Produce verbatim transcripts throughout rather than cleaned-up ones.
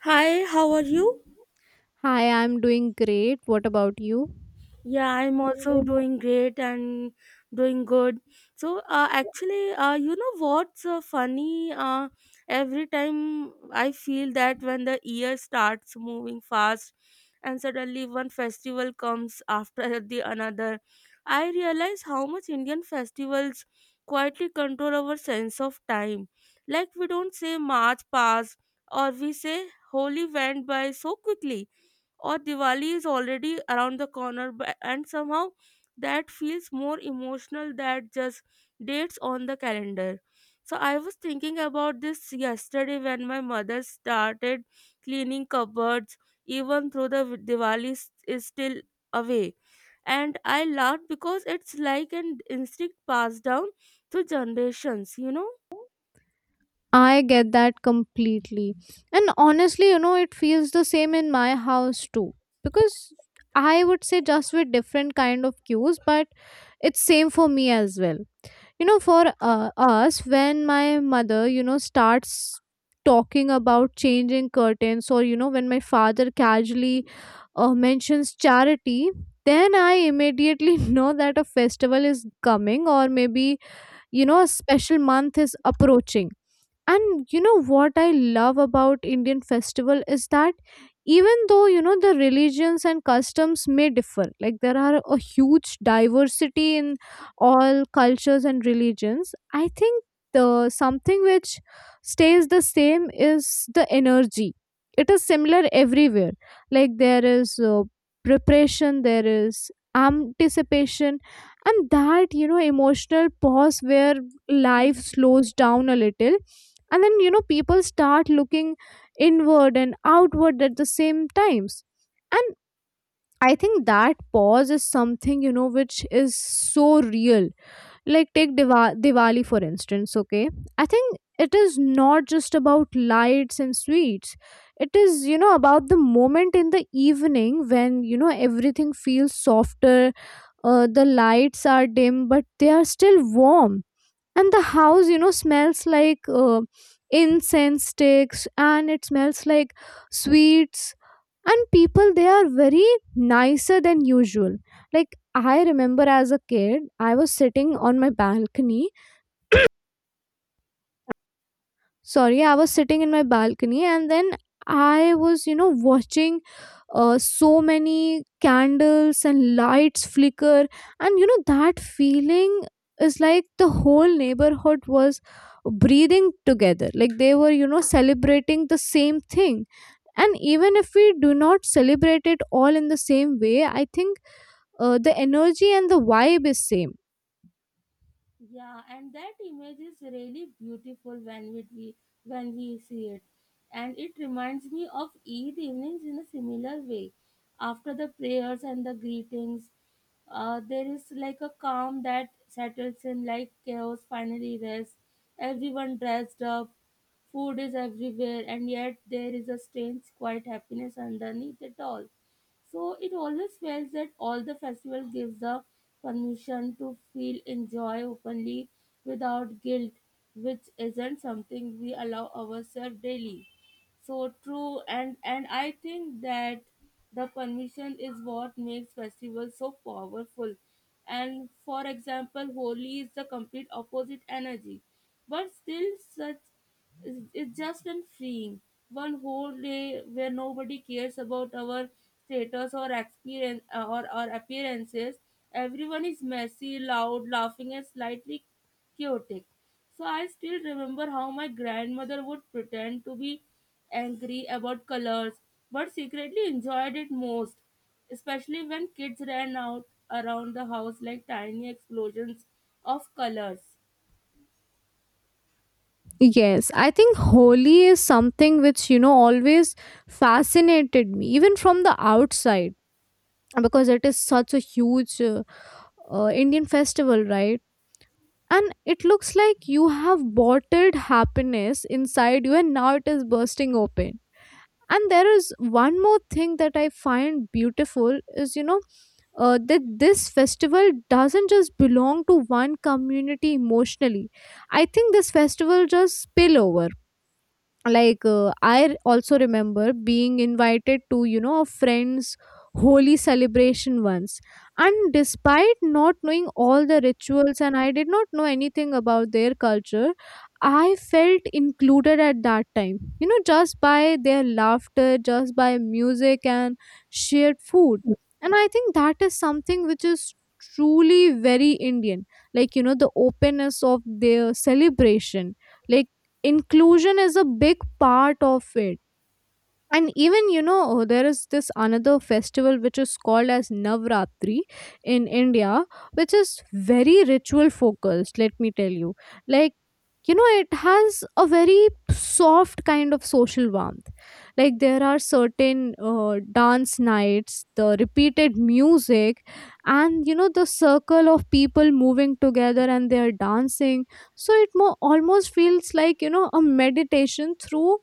Hi, how are you? Hi, I'm doing great. What about you? Yeah, I'm also doing great and doing good. So, uh, actually, uh, you know what's uh, funny? Uh, every time I feel that when the year starts moving fast and suddenly one festival comes after the another, I realize how much Indian festivals quietly control our sense of time. Like, we don't say March passed or we say Holy went by so quickly or Diwali is already around the corner, bu- and somehow that feels more emotional than just dates on the calendar. So I was thinking about this yesterday when my mother started cleaning cupboards, even though the Diwali is is still away. And I laughed because it's like an instinct passed down through generations, you know? I get that completely. And honestly, you know, it feels the same in my house too. Because I would say just with different kind of cues, but it's same for me as well. you know for uh, us when my mother you know starts talking about changing curtains or you know when my father casually uh, mentions charity, then I immediately know that a festival is coming, or maybe you know a special month is approaching. And you know what, I love about Indian festival is that even though you know the religions and customs may differ, like there are a huge diversity in all cultures and religions, I think the something which stays the same is the energy. It is similar everywhere. Like there is uh, preparation, there is anticipation, and that you know emotional pause where life slows down a little, and then you know people start looking inward and outward at the same times. And I think that pause is something, you know which is so real. Like take Diva- diwali for instance, okay, I think it is not just about lights and sweets. It is, you know about the moment in the evening when you know everything feels softer. Uh, the lights are dim, but they are still warm, and the house you know smells like uh, incense sticks, and it smells like sweets. And people, they are very nicer than usual. Like I remember as a kid, I was sitting on my balcony, sorry, I was sitting in my balcony, and then I was you know watching uh, so many candles and lights flicker. And you know that feeling is like the whole neighborhood was breathing together, like they were you know celebrating the same thing. And even if we do not celebrate it all in the same way, I think uh, the energy and the vibe is same. Yeah, and that image is really beautiful when we we- when we see it, and it reminds me of Eid evenings in a similar way. After the prayers and the greetings, uh, there is like a calm that settles in, like chaos finally rests. Everyone dressed up, food is everywhere, and yet there is a strange, quiet happiness underneath it all. So it always felt that all the festival gives the permission to feel enjoy openly without guilt, which isn't something we allow ourselves daily. So true, and and I think that the permission is what makes festivals so powerful. And for example, Holi is the complete opposite energy, but still such it's it's just and freeing. One whole day where nobody cares about our status or experience uh, or our appearances. Everyone is messy, loud, laughing, and slightly chaotic. So I still remember how my grandmother would pretend to be angry about colors, but secretly enjoyed it most, especially when kids ran out around the house like tiny explosions of colors. Yes, I think Holi is something which, you know, always fascinated me, even from the outside, because it is such a huge uh, uh, Indian festival, right? And it looks like you have bottled happiness inside you, and now it is bursting open. And there is one more thing that I find beautiful is, you know, uh, that this festival doesn't just belong to one community emotionally. I think this festival just spill over, like uh, I also remember being invited to you know a friend's holy celebration once. And despite not knowing all the rituals, and I did not know anything about their culture, I felt included at that time, you know just by their laughter, just by music and shared food. And I think that is something which is truly very Indian, like you know the openness of their celebration. Like inclusion is a big part of it. And even, you know, uh, there is this another festival which is called as Navratri in India, which is very ritual focused, let me tell you. Like, you know, it has a very soft kind of social warmth. Like, there are certain uh, dance nights, the repeated music, and, you know, the circle of people moving together and they're dancing. So it more, almost feels like, you know, a meditation through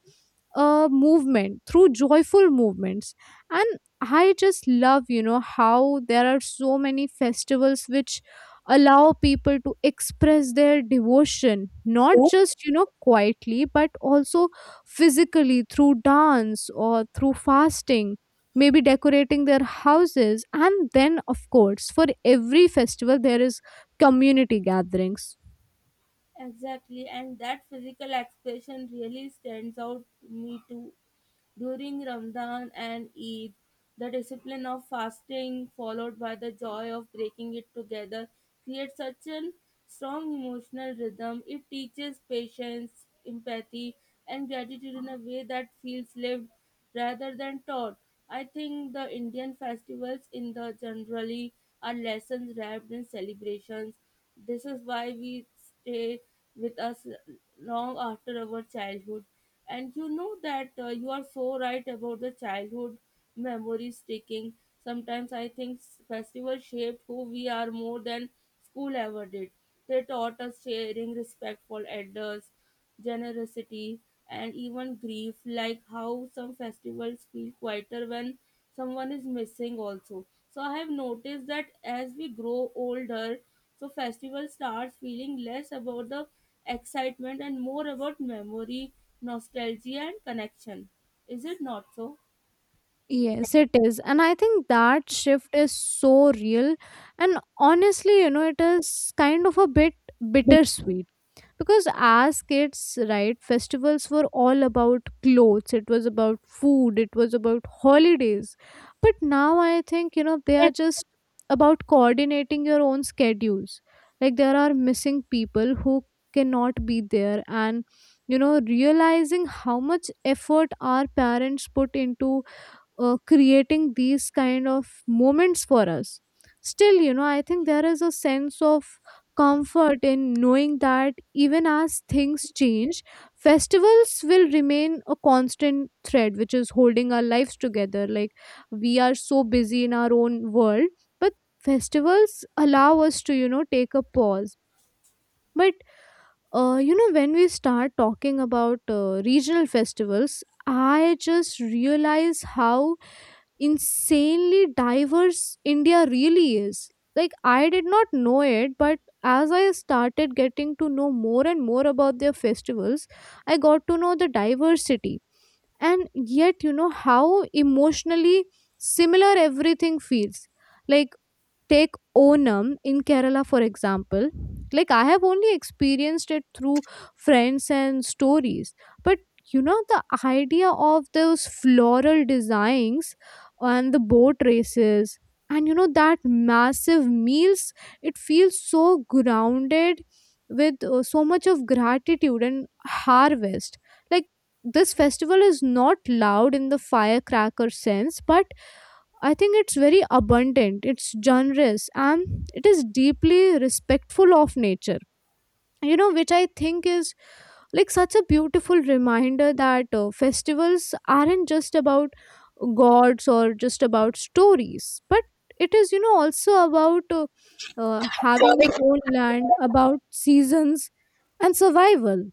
uh, movement, through joyful movements. And I just love, you know how there are so many festivals which allow people to express their devotion, not just you know quietly, but also physically, through dance or through fasting, maybe decorating their houses, and then of course for every festival there is community gatherings. Exactly, and that physical expression really stands out to me too. During Ramadan and Eid, the discipline of fasting followed by the joy of breaking it together creates such a strong emotional rhythm. It teaches patience, empathy, and gratitude in a way that feels lived rather than taught. I think the Indian festivals in the generally are lessons wrapped in celebrations. This is why we stay with us long after our childhood. And you know that uh, you are so right about the childhood memories sticking. Sometimes I think s- festivals shaped who we are more than school ever did. They taught us sharing, respect for elders, generosity, and even grief, like how some festivals feel quieter when someone is missing, also. So, I have noticed that as we grow older, so festival starts feeling less about the excitement and more about memory, nostalgia, and connection. Is it not so? Yes, it is. And I think that shift is so real. And honestly, you know, it is kind of a bit bittersweet, because as kids, right, festivals were all about clothes, it was about food, it was about holidays. But now I think, you know, they are just about coordinating your own schedules. Like there are missing people who cannot be there, and you know realizing how much effort our parents put into uh, creating these kind of moments for us. Still, you know I think there is a sense of comfort in knowing that even as things change, festivals will remain a constant thread which is holding our lives together. Like we are so busy in our own world, but festivals allow us to, you know take a pause. But uh, you know when we start talking about uh, regional festivals, I just realize how insanely diverse India really is. Like, I did not know it, but as I started getting to know more and more about their festivals, I got to know the diversity. And yet, you know, how emotionally similar everything feels. Like, take Onam in Kerala, for example, like I have only experienced it through friends and stories. But you know, the idea of those floral designs, and the boat races, and you know, that massive meals, it feels so grounded with uh, so much of gratitude and harvest. Like, this festival is not loud in the firecracker sense, but I think it's very abundant, it's generous, and it is deeply respectful of nature. You know, which I think is like such a beautiful reminder that uh, festivals aren't just about gods or just about stories, but it is, you know, also about uh, uh, having your own land, about seasons and survival.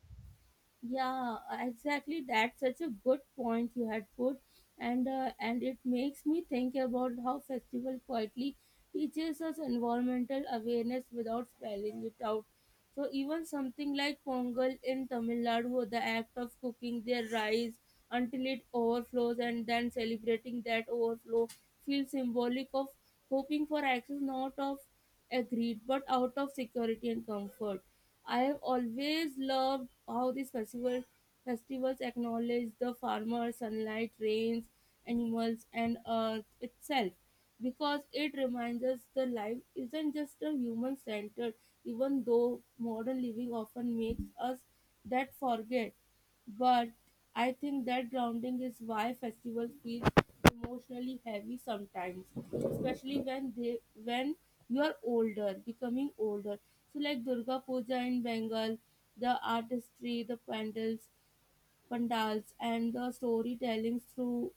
Yeah, uh, exactly. That's such a good point you had put, and uh, and it makes me think about how festival quietly teaches us environmental awareness without spelling it out. So even something like Pongal in Tamil Nadu, the act of cooking their rice until it overflows and then celebrating that overflow feels symbolic of hoping for access not of agreed but out of security and comfort. I have always loved how these festival festivals acknowledge the farmer, sunlight, rains, animals, and earth itself, because it reminds us the life isn't just a human centered, even though modern living often makes us that forget. But I think that grounding is why festivals feel emotionally heavy sometimes, especially when they when you are older, becoming older. So like Durga Puja in Bengal, the artistry, the pandals, pandals, and the storytelling through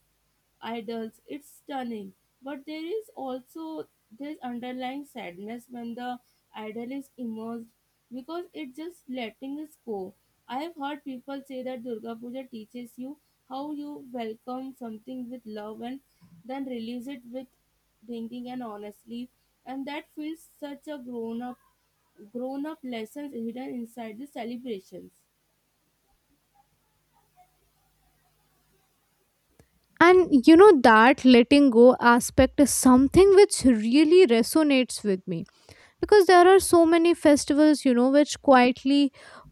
idols. It's stunning. But there is also this underlying sadness when the idol is immersed because it's just letting us go. I have heard people say that Durga Puja teaches you how you welcome something with love and then release it with thinking and honestly. And that feels such a grown up grown up lessons hidden inside the celebrations. And you know, that letting go aspect is something which really resonates with me, because there are so many festivals, you know which quietly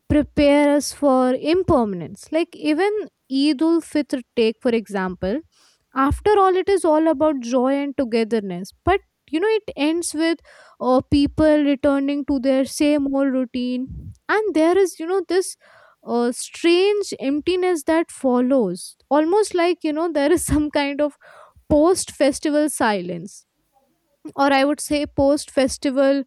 prepare us for impermanence. Like even eid ul fitr, take for example, after all it is all about joy and togetherness. But you know it ends with uh, people returning to their same old routine. And there is, you know this uh, strange emptiness that follows, almost like you know there is some kind of post festival silence, or I would say post festival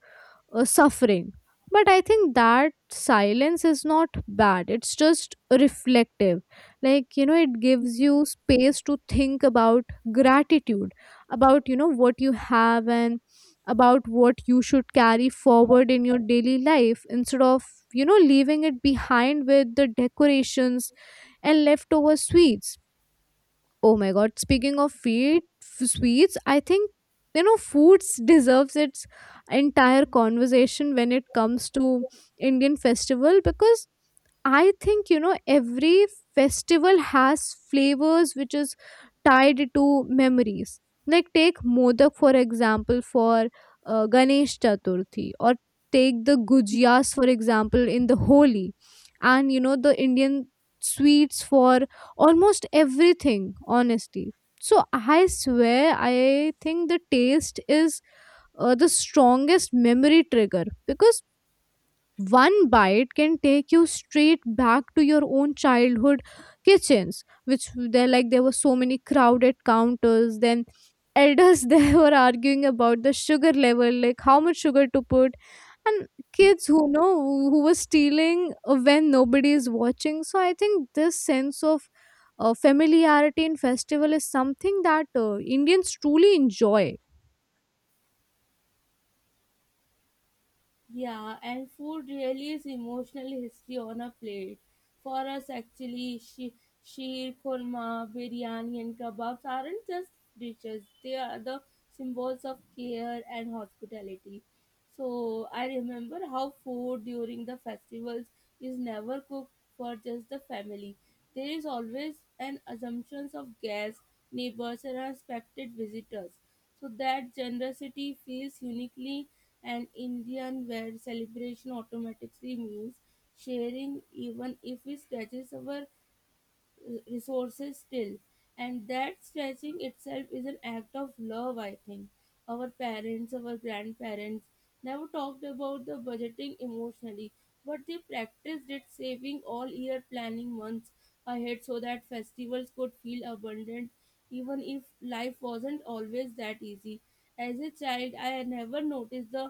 uh, suffering. But I think that silence is not bad, it's just reflective. Like, you know, it gives you space to think about gratitude, about, you know, what you have, and about what you should carry forward in your daily life, instead of, you know, leaving it behind with the decorations and leftover sweets. Oh my god, speaking of feet, f- sweets, I think you know foods deserves its entire conversation when it comes to Indian festival. Because I think, you know every festival has flavors which is tied to memories. Like take modak for example for uh, Ganesh Chaturthi, or take the gujiyas for example in the Holi. And you know the Indian sweets for almost everything, honestly. So I swear, I think the taste is uh, the strongest memory trigger, because one bite can take you straight back to your own childhood kitchens, which there, like there were so many crowded counters. Then elders they were arguing about the sugar level, like how much sugar to put, and kids who know who were stealing when nobody is watching. So I think this sense of uh, familiarity in festival is something that uh, Indians truly enjoy. Yeah, and food really is emotional history on a plate. For us, actually, she, sheer korma, biryani, and kebabs aren't just dishes, they are the symbols of care and hospitality. So, I remember how food during the festivals is never cooked for just the family. There is always an assumption of guests, neighbors, and respected visitors. So that generosity feels uniquely and Indian where celebration automatically means sharing even if we scratches our resources still and that stretching itself is an act of love. I think our parents, our grandparents never talked about the budgeting emotionally but they practiced it saving all year planning months ahead so that festivals could feel abundant even if life wasn't always that easy. As a child I never noticed the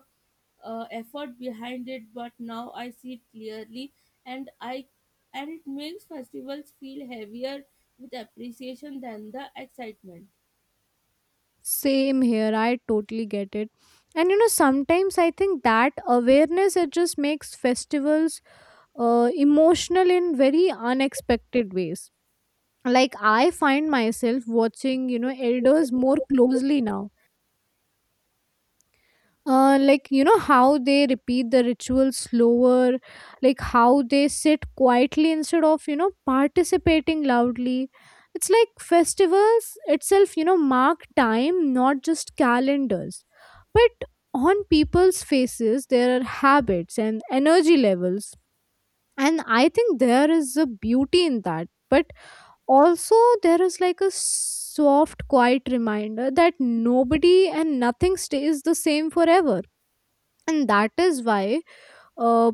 uh, effort behind it but now I see it clearly and i and it makes festivals feel heavier with appreciation than the excitement. Same here, I totally get it. And you know, sometimes I think that awareness, it just makes festivals uh, emotional in very unexpected ways. Like I find myself watching, you know, elders more closely now. Uh, like you know how they repeat the ritual slower, like how they sit quietly instead of you know participating loudly. It's like festivals itself, you know mark time, not just calendars, but on people's faces, there are habits and energy levels. And I think there is a beauty in that, but also there is like a soft quiet reminder that nobody and nothing stays the same forever. And that is why uh,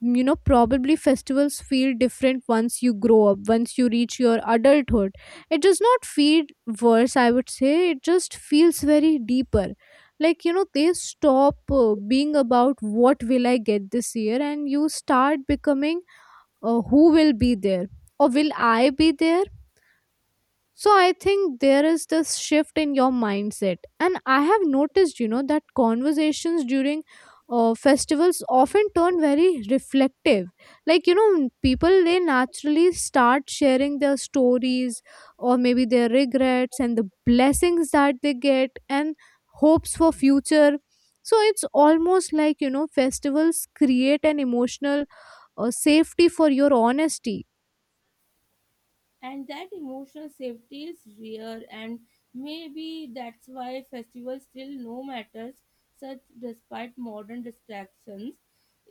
you know probably festivals feel different once you grow up, once you reach your adulthood. It does not feel worse, I would say, it just feels very deeper. Like you know they stop uh, being about what will I get this year, and you start becoming uh, who will be there, or will I be there. So I think there is this shift in your mindset. And I have noticed, you know, that conversations during uh, festivals often turn very reflective. Like, you know, people they naturally start sharing their stories, or maybe their regrets and the blessings that they get, and hopes for future. So it's almost like, you know, festivals create an emotional uh, safety for your honesty. And that emotional safety is rare and maybe that's why festivals still no matters such despite modern distractions,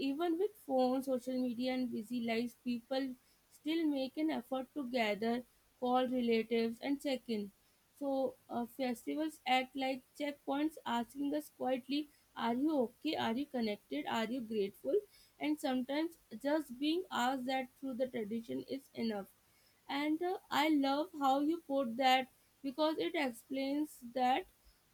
even with phones, social media and busy lives, people still make an effort to gather, call relatives and check in. So uh, festivals act like checkpoints asking us quietly, are you okay, are you connected, are you grateful? And sometimes just being asked that through the tradition is enough. And uh, I love how you put that because it explains that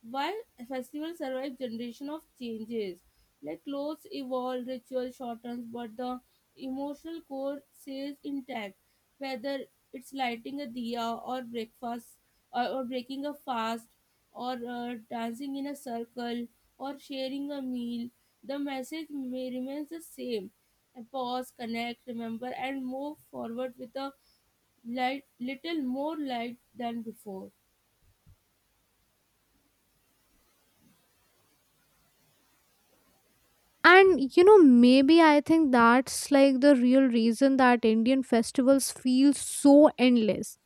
why festivals survive generation of changes, like clothes evolve, ritual shortens, but the emotional core stays intact. Whether it's lighting a diya or breakfast or, or breaking a fast or uh, dancing in a circle or sharing a meal, the message may remains the same, and pause, connect, remember and move forward with a light, little more light than before. And you know, maybe I think that's like the real reason that Indian festivals feel so endless,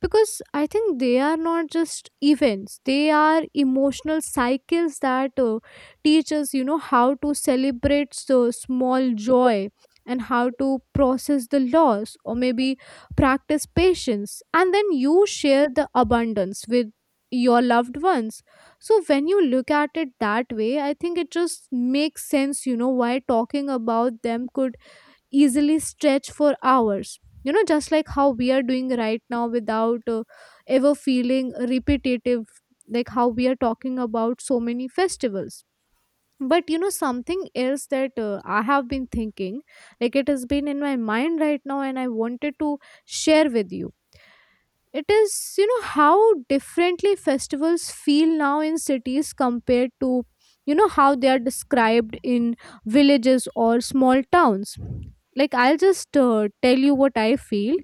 because I think they are not just events, they are emotional cycles that uh, teach us, you know, how to celebrate the small joy and how to process the loss, or maybe practice patience, and then you share the abundance with your loved ones. So when you look at it that way, I think it just makes sense, you know, why talking about them could easily stretch for hours, you know, just like how we are doing right now without uh, ever feeling repetitive, like how we are talking about so many festivals. But you know, something else that uh, I have been thinking, like it has been in my mind right now, and I wanted to share with you, it is, you know, how differently festivals feel now in cities compared to, you know, how they are described in villages or small towns. Like, I'll just uh, tell you what I feel.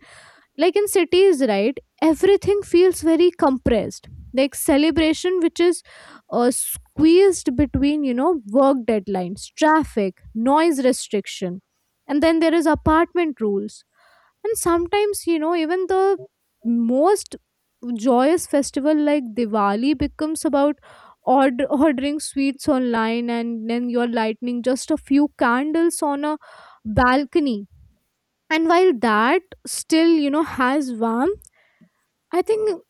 Like in cities, right, everything feels very compressed, like celebration which is uh, squeezed between, you know, work deadlines, traffic noise restriction, and then there is apartment rules. And sometimes, you know, even the most joyous festival like diwali becomes about ord- ordering sweets online, and then you're lighting just a few candles on a balcony. And while that still, you know, has warmth, i think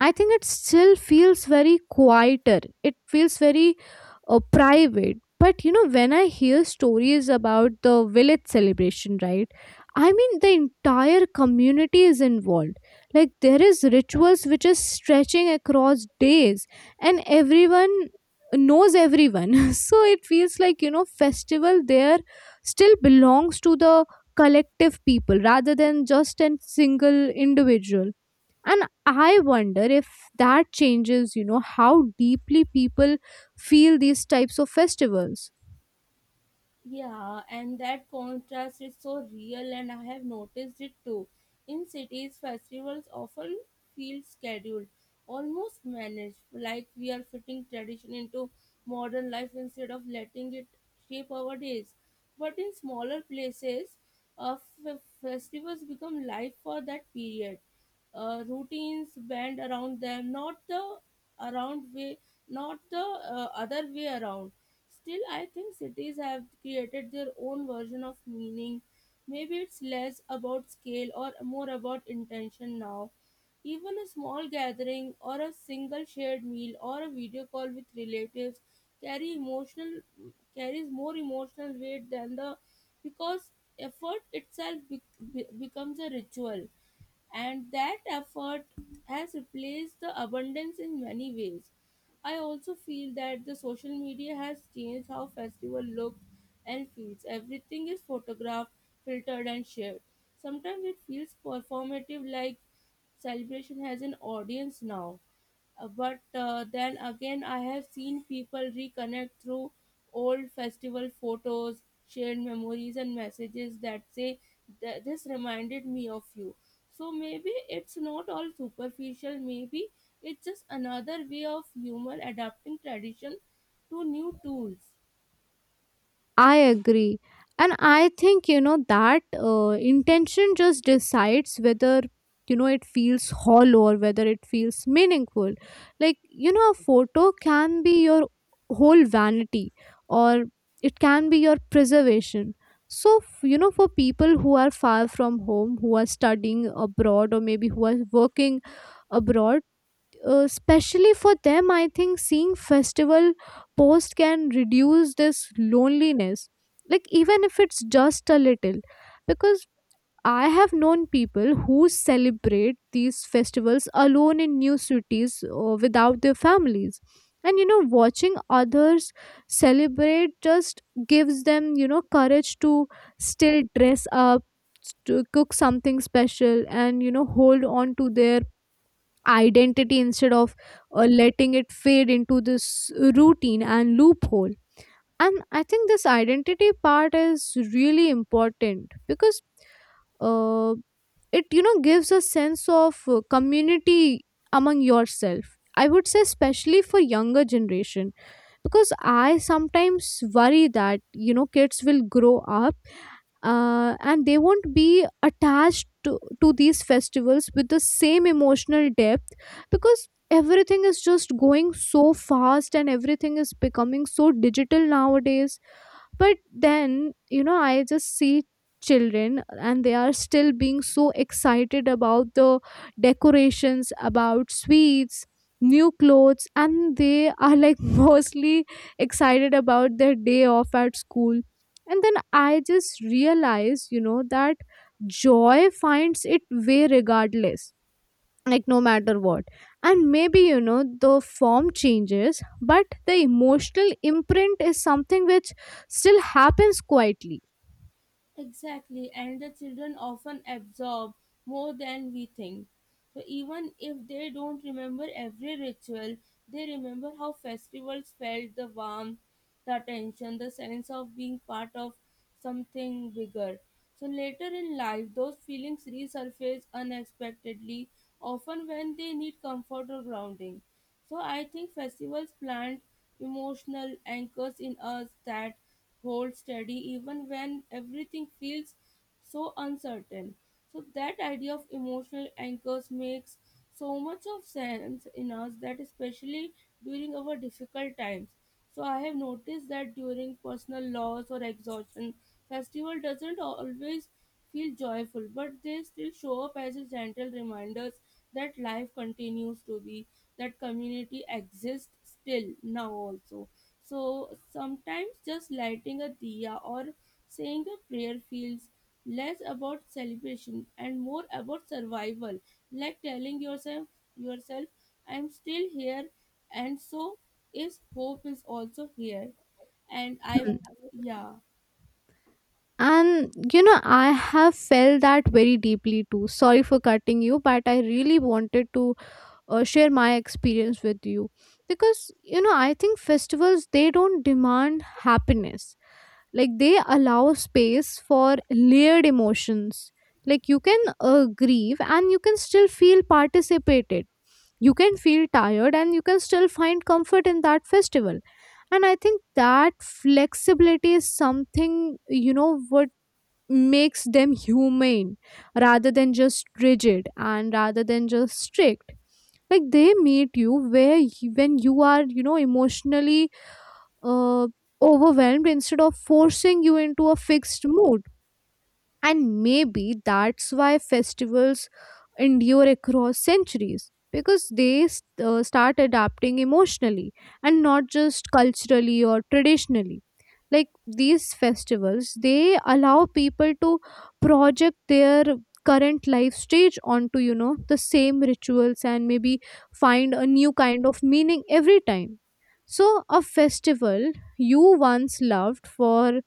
I think it still feels very quieter. It feels very uh, private. But you know, when I hear stories about the village celebration, right? I mean, the entire community is involved. Like there is rituals which is stretching across days, and everyone knows everyone. So it feels like, you know, festival there still belongs to the collective people rather than just a single individual, and I wonder if that changes, you know, how deeply people feel these types of festivals. Yeah, and that contrast is so real, and I have noticed it too. In cities, festivals often feel scheduled, almost managed, like we are fitting tradition into modern life instead of letting it shape our days. But in smaller places, uh, f- festivals become life for that period. Uh, routines bend around them, not the around way, not the uh, other way around. Still, I think cities have created their own version of meaning. Maybe it's less about scale or more about intention now. Even a small gathering or a single shared meal or a video call with relatives carry emotional carries more emotional weight than the because effort itself be, be- becomes a ritual, and that effort has replaced the abundance in many ways. I also feel that the social media has changed how festival looks and feels. Everything is photographed, filtered, and shared. Sometimes it feels performative, like celebration has an audience now. Uh, but uh, then again, I have seen people reconnect through old festival photos, shared memories, and messages that say, "Th- This reminded me of you." So maybe it's not all superficial, maybe it's just another way of human adapting tradition to new tools. I agree. And I think, you know, that uh, intention just decides whether, you know, it feels hollow or whether it feels meaningful. Like, you know, a photo can be your whole vanity, or it can be your preservation. So, f- you know, for people who are far from home, who are studying abroad, or maybe who are working abroad, uh, especially for them, I think seeing festival post can reduce this loneliness, like even if it's just a little, because I have known people who celebrate these festivals alone in new cities or without their families. And you know, watching others celebrate just gives them, you know, courage to still dress up, to cook something special, and you know, hold on to their identity instead of uh, letting it fade into this routine and loophole. And I think this identity part is really important, because uh, it, you know, gives a sense of uh, community among yourself. I would say especially for younger generation, because I sometimes worry that, you know, kids will grow up uh, and they won't be attached to, to these festivals with the same emotional depth, because everything is just going so fast and everything is becoming so digital nowadays. But then, you know, I just see children and they are still being so excited about the decorations, about sweets, new clothes, and they are like mostly excited about their day off at school. And then I just realize, you know, that joy finds it way regardless, like no matter what. And maybe, you know, the form changes, but the emotional imprint is something which still happens quietly. Exactly, and the children often absorb more than we think. So even if they don't remember every ritual, they remember how festivals felt, the warmth, the attention, the sense of being part of something bigger. So later in life, those feelings resurface unexpectedly, often when they need comfort or grounding. So I think festivals plant emotional anchors in us that hold steady even when everything feels so uncertain. So that idea of emotional anchors makes so much of sense in us that especially during our difficult times. So I have noticed that during personal loss or exhaustion, festival doesn't always feel joyful, but they still show up as a gentle reminders that life continues to be, that community exists still now also. So sometimes just lighting a diya or saying a prayer feels less about celebration and more about survival, like telling yourself yourself, I'm still here and so is hope is also here, and I Hmm. yeah And you know, I have felt that very deeply too. Sorry for cutting you, but I really wanted to uh, share my experience with you, because you know, I think festivals, they don't demand happiness. Like they allow space for layered emotions. Like you can uh, grieve and you can still feel participated, you can feel tired and you can still find comfort in that festival. And I think that flexibility is something, you know what makes them humane, rather than just rigid and rather than just strict. Like they meet you where y- when you are, you know, emotionally uh, overwhelmed, instead of forcing you into a fixed mood. And maybe that's why festivals endure across centuries, because they s- uh, start adapting emotionally and not just culturally or traditionally. Like these festivals, they allow people to project their current life stage onto, you know, the same rituals and maybe find a new kind of meaning every time. So, a festival you once loved for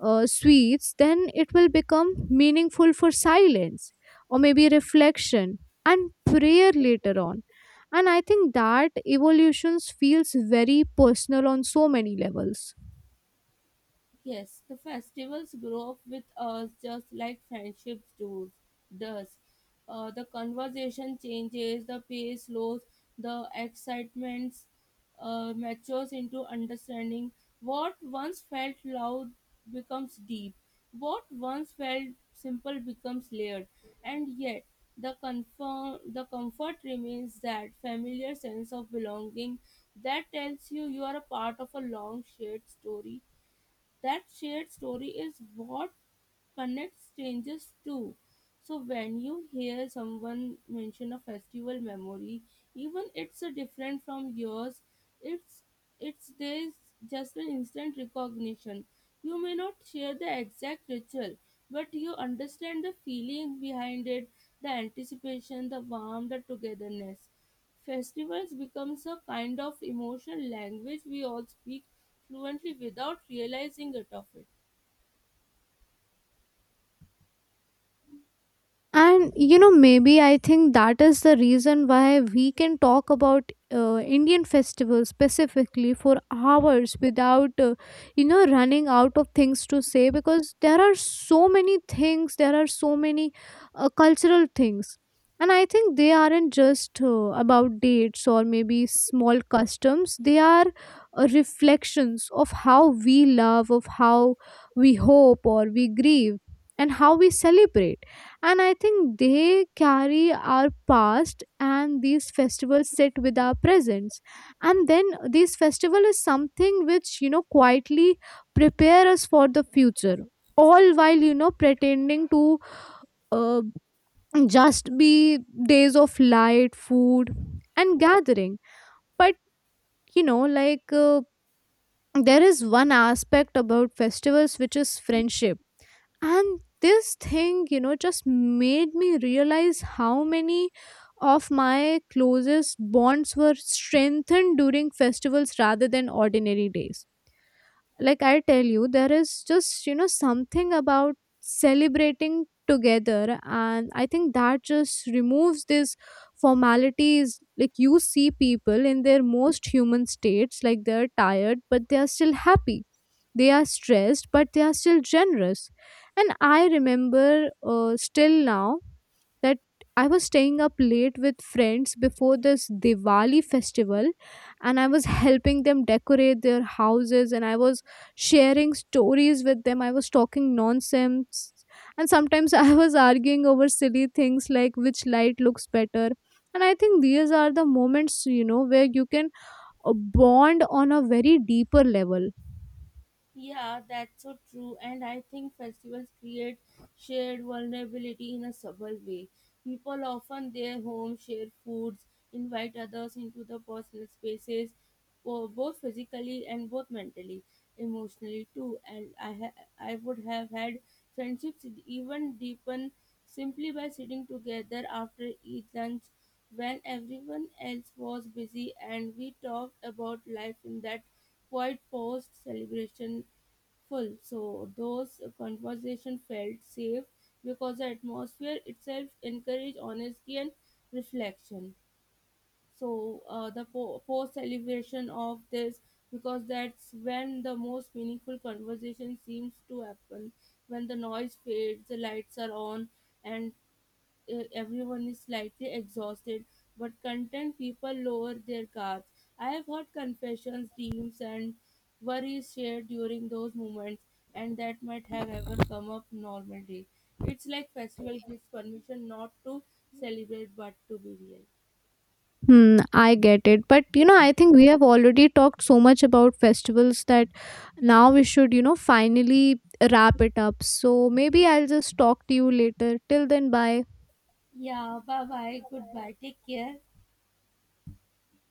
uh, sweets, then it will become meaningful for silence, or maybe reflection and prayer later on. And I think that evolutions feels very personal on so many levels. Yes, the festivals grow up with us just like friendships do, does. Uh, the conversation changes, the pace slows, the excitement uh, matures into understanding. What once felt loud becomes deep, what once felt simple becomes layered, and yet the, confirm, the comfort remains, that familiar sense of belonging that tells you you are a part of a long shared story. That shared story is what connects strangers too. So when you hear someone mention a festival memory, even it's a different from yours, it's it's there's just an instant recognition. You may not share the exact ritual, but you understand the feeling behind it, the anticipation, the warmth, the togetherness. Festivals becomes a kind of emotional language we all speak fluently without realizing it of it. And you know, maybe I think that is the reason why we can talk about uh, Indian festivals specifically for hours without, uh, you know, running out of things to say, because there are so many things, there are so many uh, cultural things. And I think they aren't just uh, about dates or maybe small customs, they are uh, reflections of how we love, of how we hope or we grieve, and how we celebrate. And I think they carry our past and these festivals sit with our presence, and then this festival is something which, you know, quietly prepare us for the future, all while, you know, pretending to uh, just be days of light food and gathering. But you know, like uh, there is one aspect about festivals which is friendship, and this thing, you know, just made me realize how many of my closest bonds were strengthened during festivals rather than ordinary days. Like I tell you, there is just, you know, something about celebrating together, and I think that just removes these formalities. Like you see people in their most human states, like they're tired but they are still happy, they are stressed, but they are still generous. And I remember uh, still now that I was staying up late with friends before this Diwali festival, and I was helping them decorate their houses, and I was sharing stories with them. I was talking nonsense. And sometimes I was arguing over silly things like which light looks better. And I think these are the moments, you know, where you can uh, bond on a very deeper level. Yeah, that's so true. And I think festivals create shared vulnerability in a subtle way. People often their home share foods, invite others into the personal spaces, bo- both physically and both mentally, emotionally too. And I ha- I would have had friendships even deepen simply by sitting together after each lunch when everyone else was busy and we talked about life in that quite post celebration full. So those conversation felt safe because the atmosphere itself encouraged honesty and reflection. So uh, the po- post celebration of this, because that's when the most meaningful conversation seems to happen, when the noise fades, the lights are on, and uh, everyone is slightly exhausted but content. People lower their guards. I have heard confessions, dreams and worries shared during those moments and that might have ever come up normally. It's like festival gives permission not to celebrate but to be real. Hmm, I get it. But you know, I think we have already talked so much about festivals that now we should, you know, finally wrap it up. So maybe I'll just talk to you later. Till then, bye. Yeah, bye bye. Goodbye. Take care.